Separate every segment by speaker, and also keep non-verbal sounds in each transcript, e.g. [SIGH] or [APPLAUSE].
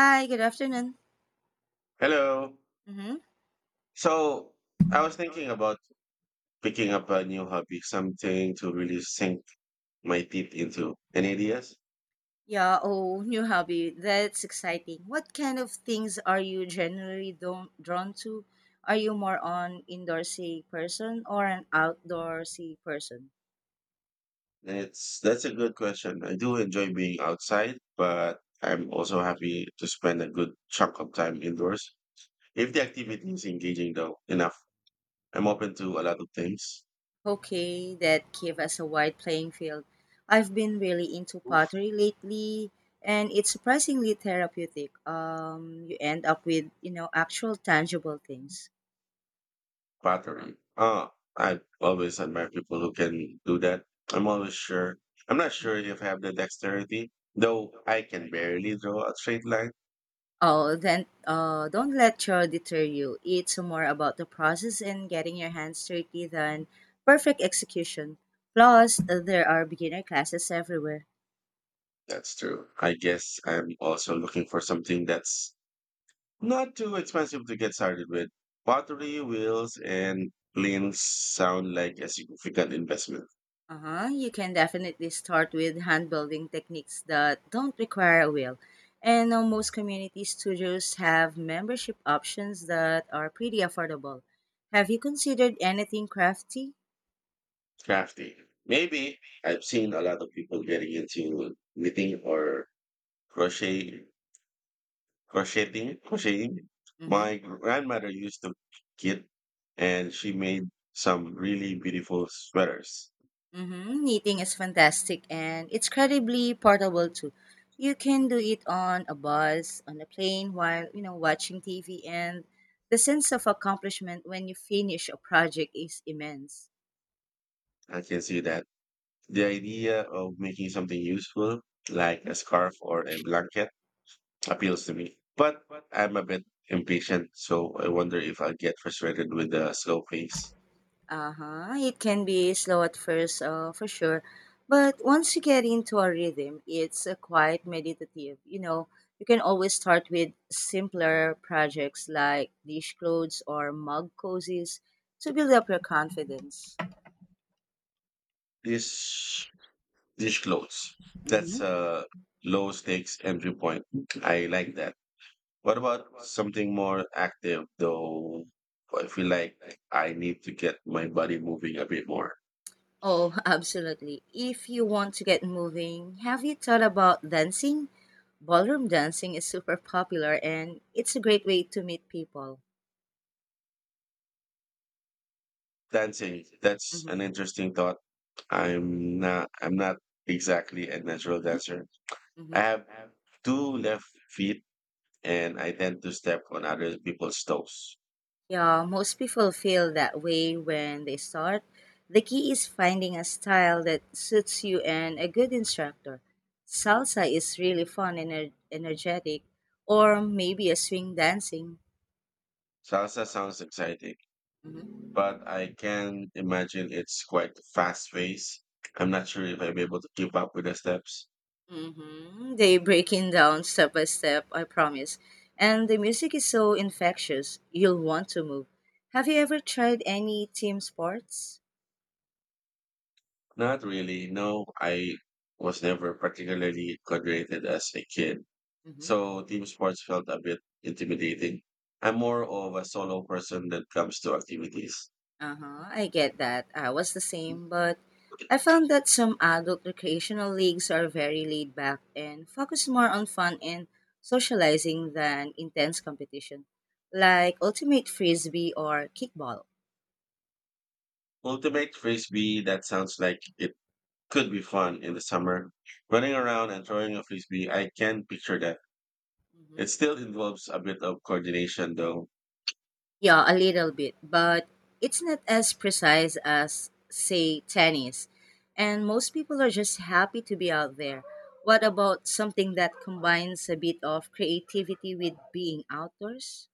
Speaker 1: Hi, good afternoon.
Speaker 2: Hello.
Speaker 1: Mm-hmm.
Speaker 2: So I was thinking about picking up a new hobby, something to really sink my teeth into. Any ideas?
Speaker 1: Yeah, oh, new hobby. That's exciting. What kind of things are you generally don't, drawn to? Are you more on indoorsy person or an outdoorsy person?
Speaker 2: It's That's a good question. I do enjoy being outside, but I'm also happy to spend a good chunk of time indoors. If the activity is engaging though enough, I'm open to a lot of things.
Speaker 1: Okay, that give us a wide playing field. I've been really into pottery lately and it's surprisingly therapeutic. You end up with, you know, actual tangible things.
Speaker 2: Pottery. Oh, I've always admired people who can do that. I'm always sure. I'm not sure if I have the dexterity, though I can barely draw a straight line.
Speaker 1: Oh, then don't let chore deter you. It's more about the process and getting your hands dirty than perfect execution. Plus, there are beginner classes everywhere.
Speaker 2: That's true. I guess I'm also looking for something that's not too expensive to get started with. Pottery, wheels, and planes sound like a significant investment.
Speaker 1: Uh-huh. You can definitely start with hand building techniques that don't require a wheel. And most community studios have membership options that are pretty affordable. Have you considered anything crafty?
Speaker 2: Crafty. Maybe I've seen a lot of people getting into knitting or crochet crocheting.
Speaker 1: Mhm.
Speaker 2: My grandmother used to knit, and she made some really beautiful sweaters.
Speaker 1: Mm-hmm. Knitting is fantastic and it's incredibly portable too. You can do it on a bus, on a plane, while you know watching TV, and the sense of accomplishment when you finish a project is immense.
Speaker 2: I can see that. The idea of making something useful, like a scarf or a blanket, appeals to me. But I'm a bit impatient, so I wonder if I'll get frustrated with the slow pace.
Speaker 1: Uh huh. It can be slow at first, for sure, but once you get into a rhythm, it's a quite meditative. You know, you can always start with simpler projects like dish clothes or mug cozies to build up your confidence.
Speaker 2: This dish clothes. That's
Speaker 1: Mm-hmm.
Speaker 2: a low stakes entry point. I like that. What about something more active though? I feel like I need to get my body moving a bit more.
Speaker 1: Oh, [LAUGHS] absolutely. If you want to get moving, have you thought about dancing? Ballroom dancing is super popular and it's a great way to meet people.
Speaker 2: Dancing, that's
Speaker 1: Hmm.
Speaker 2: an interesting thought. I'm not exactly a natural dancer. I
Speaker 1: Hmm.
Speaker 2: have two left feet and I tend to step on other people's toes.
Speaker 1: Yeah, most people feel that way when they start. The key is finding a style that suits you and a good instructor. Salsa is really fun and energetic, or maybe a swing dancing.
Speaker 2: Salsa sounds exciting,
Speaker 1: Mm-hmm.
Speaker 2: but I can imagine it's quite fast paced. I'm not sure if I'll be able to keep up with the steps.
Speaker 1: Hmm. They breaking down step by step, I promise. And the music is so infectious, you'll want to move. Have you ever tried any team sports?
Speaker 2: Not really. No, I was never particularly coordinated as a kid,
Speaker 1: Mm-hmm.
Speaker 2: so team sports felt a bit intimidating. I'm more of a solo person that comes to activities.
Speaker 1: Uh huh. I get that. I was the same, but I found that some adult recreational leagues are very laid back and focus more on fun and socializing than intense competition, like ultimate frisbee or kickball.
Speaker 2: Ultimate frisbee, that sounds like it could be fun in the summer. Running around and throwing a frisbee, I can picture that. It still involves a bit of coordination though,
Speaker 1: Yeah, a little bit, but it's not as precise as, say, tennis. And most people are just happy to be out there. What about something that combines a bit of creativity with being outdoors?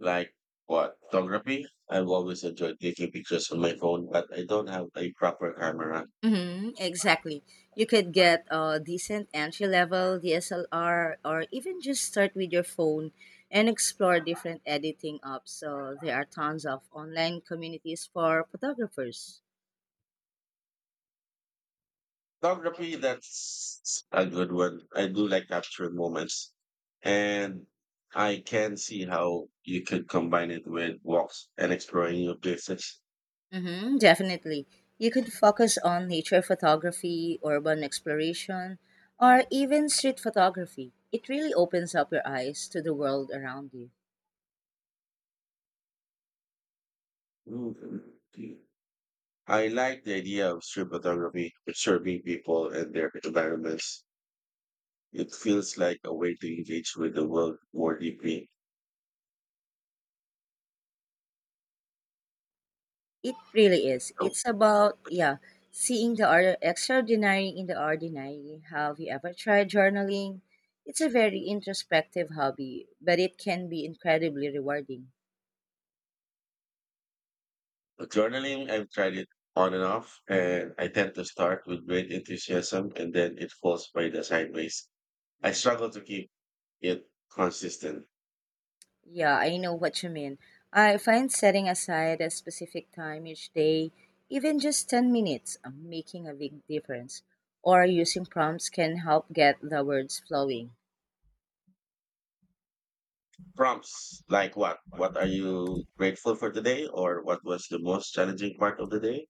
Speaker 2: like what? Photography? I've always enjoyed taking pictures on my phone, but I don't have a proper camera.
Speaker 1: Hmm, exactly. You could get a decent entry level DSLR or even just start with your phone and explore different editing apps. So there are tons of online communities for photographers.
Speaker 2: Photography, that's a good one. I do like capturing moments. And I can see how you could combine it with walks and exploring new places.
Speaker 1: Mm-hmm, definitely. You could focus on nature photography, urban exploration, or even street photography. It really opens up your eyes to the world around you.
Speaker 2: I like the idea of street photography, observing people and their environments. It feels like a way to engage with the world more deeply.
Speaker 1: It really is.
Speaker 2: Oh,
Speaker 1: It's about, yeah, seeing the extraordinary in the ordinary. Have you ever tried journaling? It's a very introspective hobby, but it can be incredibly rewarding.
Speaker 2: Journaling, I've tried it on and off, and I tend to start with great enthusiasm and then it falls by the sideways. I
Speaker 1: Mm-hmm.
Speaker 2: struggle to keep it consistent.
Speaker 1: Yeah, I know what you mean. I find setting aside a specific time each day, even just 10 minutes, making a big difference. Or using prompts can help get the words flowing.
Speaker 2: Prompts like what? What are you grateful for today? Or what was the most challenging part of the day?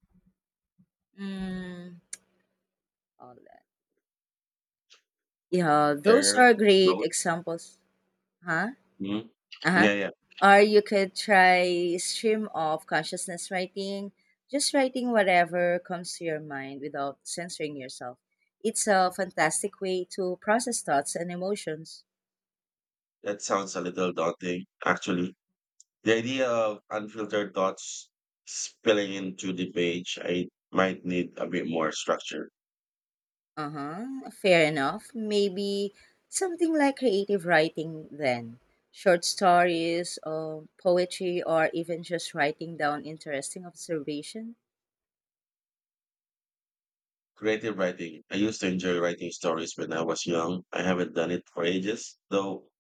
Speaker 1: Mm, all that. Yeah, those
Speaker 2: There,
Speaker 1: are great
Speaker 2: those.
Speaker 1: examples. Huh?
Speaker 2: Mhm.
Speaker 1: Uh-huh.
Speaker 2: Yeah, yeah.
Speaker 1: Or you could try stream of consciousness writing, just writing whatever comes to your mind without censoring yourself. It's a fantastic way to process thoughts and emotions.
Speaker 2: That sounds a little daunting, actually. The idea of unfiltered thoughts spilling into the page, I might need a bit more structure.
Speaker 1: Uh huh. Fair enough. Maybe something like creative writing then. Short stories, poetry, or even just writing down interesting observation.
Speaker 2: Creative writing. I used to enjoy writing stories when I was young. I haven't done it for ages, though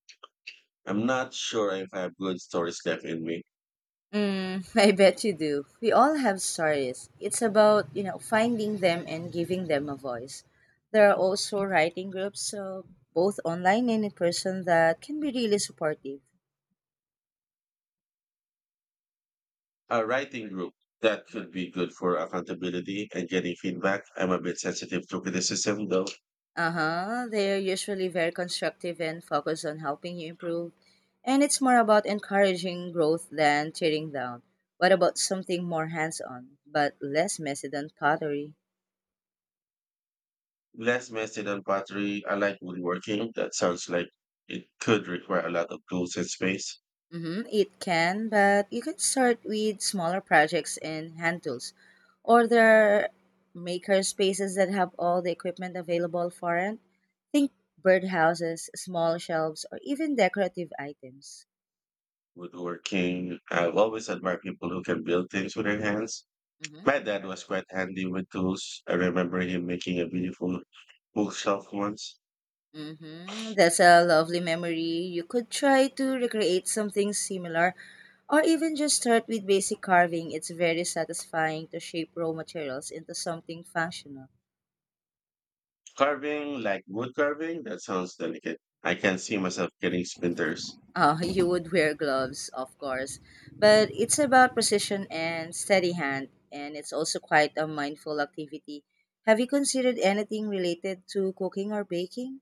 Speaker 2: I'm not sure if I have good stories left in me.
Speaker 1: Mm, [LAUGHS] I bet you do. We all have stories. It's about, you know, finding them and giving them a voice. There are also writing groups, both online and in person, that can be really supportive.
Speaker 2: A writing group that could be good for accountability and getting feedback. I'm a bit sensitive to criticism though.
Speaker 1: Uh huh. They're usually very constructive and focused on helping you improve. And it's more about encouraging growth than tearing down. What about something more hands on, but less messy than pottery?
Speaker 2: Less messy than pottery. I like woodworking. That sounds like it could require a lot of tools and space.
Speaker 1: Mm-hmm, it can, but you can start with smaller projects and hand tools. Or there are maker spaces that have all the equipment available for it. Think birdhouses, small shelves, or even decorative items.
Speaker 2: Woodworking. I've always admired people who can build things with their hands.
Speaker 1: Mm-hmm.
Speaker 2: My dad was quite handy with tools. I remember him making a beautiful bookshelf once.
Speaker 1: Hmm. That's a lovely memory. You could try to recreate something similar or even just start with basic carving. It's very satisfying to shape raw materials into something functional.
Speaker 2: Carving, like wood carving, that sounds delicate. I can see myself getting splinters.
Speaker 1: [LAUGHS] You would wear gloves, of course, but it's about precision and steady hand, and it's also quite a mindful activity. Have you considered anything related to cooking or baking?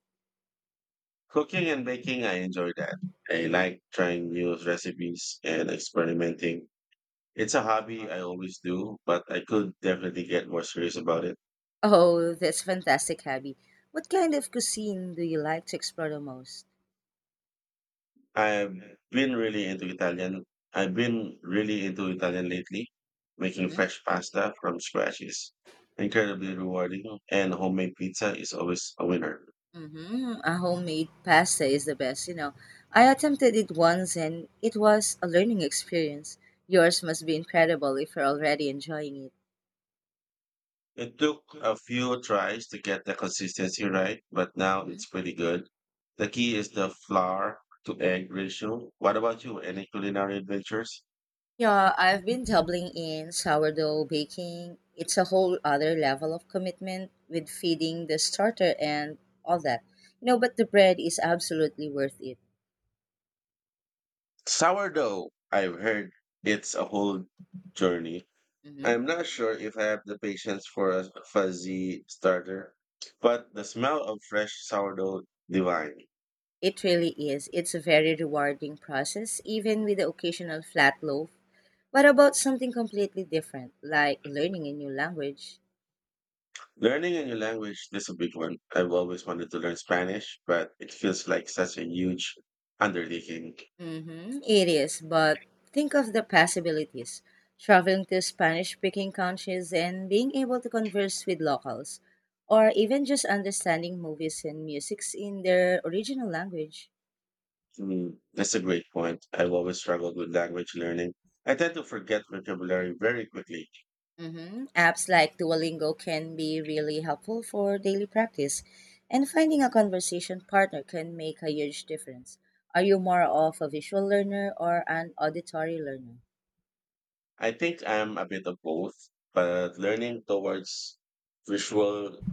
Speaker 2: Cooking and baking, I enjoy that. I
Speaker 1: Hmm.
Speaker 2: like trying new recipes and experimenting. It's a hobby I always do, but I could definitely get more serious about it.
Speaker 1: Oh, that's fantastic hobby. What kind of cuisine do you like to explore the most?
Speaker 2: I've been really into Italian. I've been really into Italian lately. Making fresh pasta from scratch is incredibly rewarding, and homemade pizza is always a winner.
Speaker 1: Mm-hmm. A homemade pasta is the best, you know. I attempted it once and it was a learning experience. Yours must be incredible if you're already enjoying it.
Speaker 2: It took a few tries to get the consistency right, but now
Speaker 1: Hmm.
Speaker 2: it's pretty good. The key is the flour to egg ratio. What about you? Any culinary adventures?
Speaker 1: Yeah, I've been doubling in sourdough baking. It's a whole other level of commitment with feeding the starter and all that. You know, but the bread is absolutely worth it.
Speaker 2: Sourdough, I've heard it's a whole journey.
Speaker 1: Hmm.
Speaker 2: I'm not sure if I have the patience for a fuzzy starter, but the smell of fresh sourdough, divine.
Speaker 1: It really is. It's a very rewarding process, even with the occasional flat loaf. What about something completely different, like learning a new language?
Speaker 2: Learning a new language is a big one. I've always wanted to learn Spanish, but it feels like such a huge undertaking.
Speaker 1: Mm-hmm. It is, but think of the possibilities. Traveling to Spanish speaking countries and being able to converse with locals, or even just understanding movies and musics in their original language.
Speaker 2: Mm, that's a great point. I've always struggled with language learning. I tend to forget vocabulary very quickly.
Speaker 1: Mm-hmm. Apps like Duolingo can be really helpful for daily practice, and finding a conversation partner can make a huge difference. Are you more of a visual learner or an auditory learner?
Speaker 2: I think I'm a bit of both, but visual,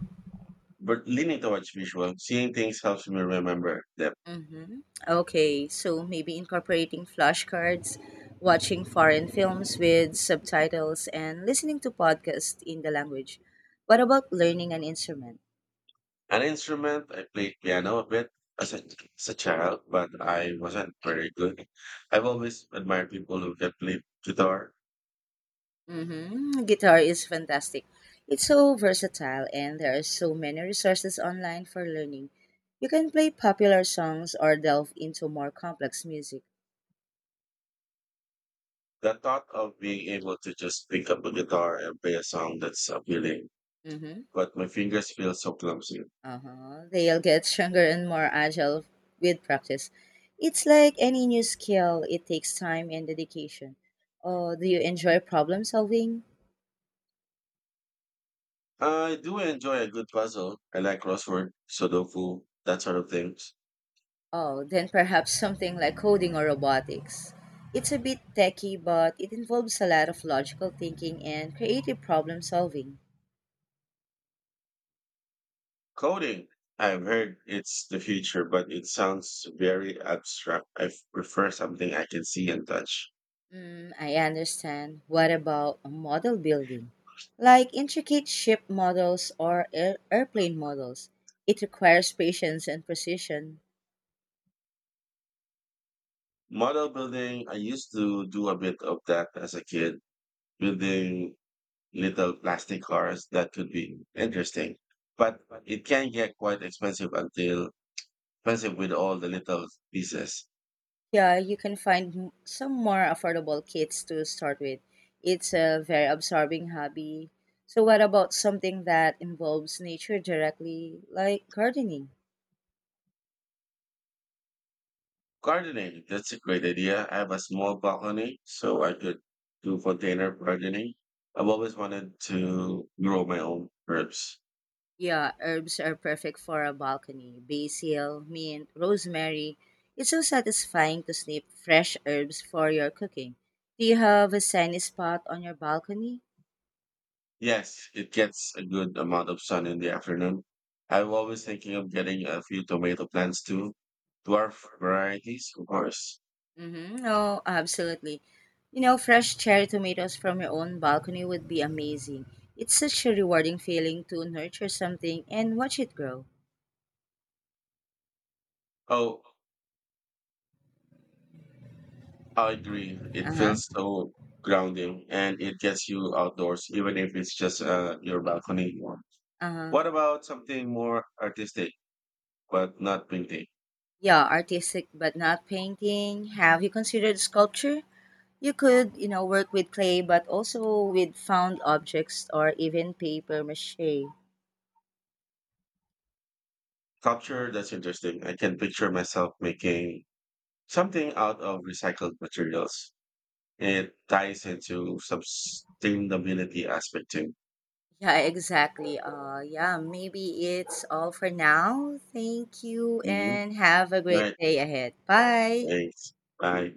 Speaker 2: but leaning towards visual, seeing things helps me remember them.
Speaker 1: Mm-hmm. Okay, so maybe incorporating flashcards, watching foreign films with subtitles, and listening to podcasts in the language. What about learning an instrument?
Speaker 2: An instrument, I played piano a bit as a, as a child, but
Speaker 1: Mm-hmm.
Speaker 2: I wasn't very good. I've always admired people who can play guitar.
Speaker 1: Mm-hmm. Guitar is fantastic. It's so versatile, and there are so many resources online for learning. You can play popular songs or delve into more complex music.
Speaker 2: The thought of being able to just pick up a guitar and play a song that's appealing
Speaker 1: Mm-hmm.
Speaker 2: but my fingers feel so clumsy.
Speaker 1: Uh-huh. They'll get stronger and more agile with practice. It's like any new skill, it takes time and dedication. Oh, do you enjoy problem solving?
Speaker 2: I do enjoy a good puzzle. I like crossword, Sudoku, that sort of things.
Speaker 1: Oh, then perhaps something like coding or robotics. It's a bit techy, but it involves a lot of logical thinking and creative problem solving.
Speaker 2: Coding, I've heard it's the future, but it sounds very abstract. I prefer something I can see and touch.
Speaker 1: Mm, I understand. What about model building? Like intricate ship models or airplane models. It requires patience and precision.
Speaker 2: Model building, I used to do a bit of that as a kid, building little plastic cars that could be interesting. But it can get quite expensive with all the little pieces.
Speaker 1: Yeah, you can find some more affordable kits to start with. It's a very absorbing hobby. So, what about something that involves nature directly, like gardening?
Speaker 2: Gardening, that's a great idea. I have a small balcony, so I could do container gardening. I've always wanted to grow my own herbs.
Speaker 1: Yeah, herbs are perfect for a balcony. Basil, mint, rosemary. It's so satisfying to snip fresh herbs for your cooking. Do you have a sunny spot on your balcony?
Speaker 2: Yes, it gets a good amount of sun in the afternoon. I'm always thinking of getting a few tomato plants too. Dwarf varieties, of course.
Speaker 1: Mm-hmm. Oh, absolutely. You know, fresh cherry tomatoes from your own balcony would be amazing. It's such a rewarding feeling to nurture something and watch it grow.
Speaker 2: Oh, I agree. It
Speaker 1: Uh huh.
Speaker 2: feels so grounding and it gets you outdoors, even if it's just your balcony.
Speaker 1: Uh huh.
Speaker 2: What about something more artistic, but not painting?
Speaker 1: Yeah, artistic but not painting. Have you considered sculpture? You could, you know, work with clay but also with found objects or even paper mache.
Speaker 2: Sculpture, that's interesting. I can picture myself making something out of recycled materials. It ties into sustainability aspect too.
Speaker 1: Yeah, exactly. Yeah, maybe it's all for now. Thank you
Speaker 2: Mm-hmm.
Speaker 1: and have a great
Speaker 2: Right.
Speaker 1: day ahead. Bye.
Speaker 2: Thanks. Bye.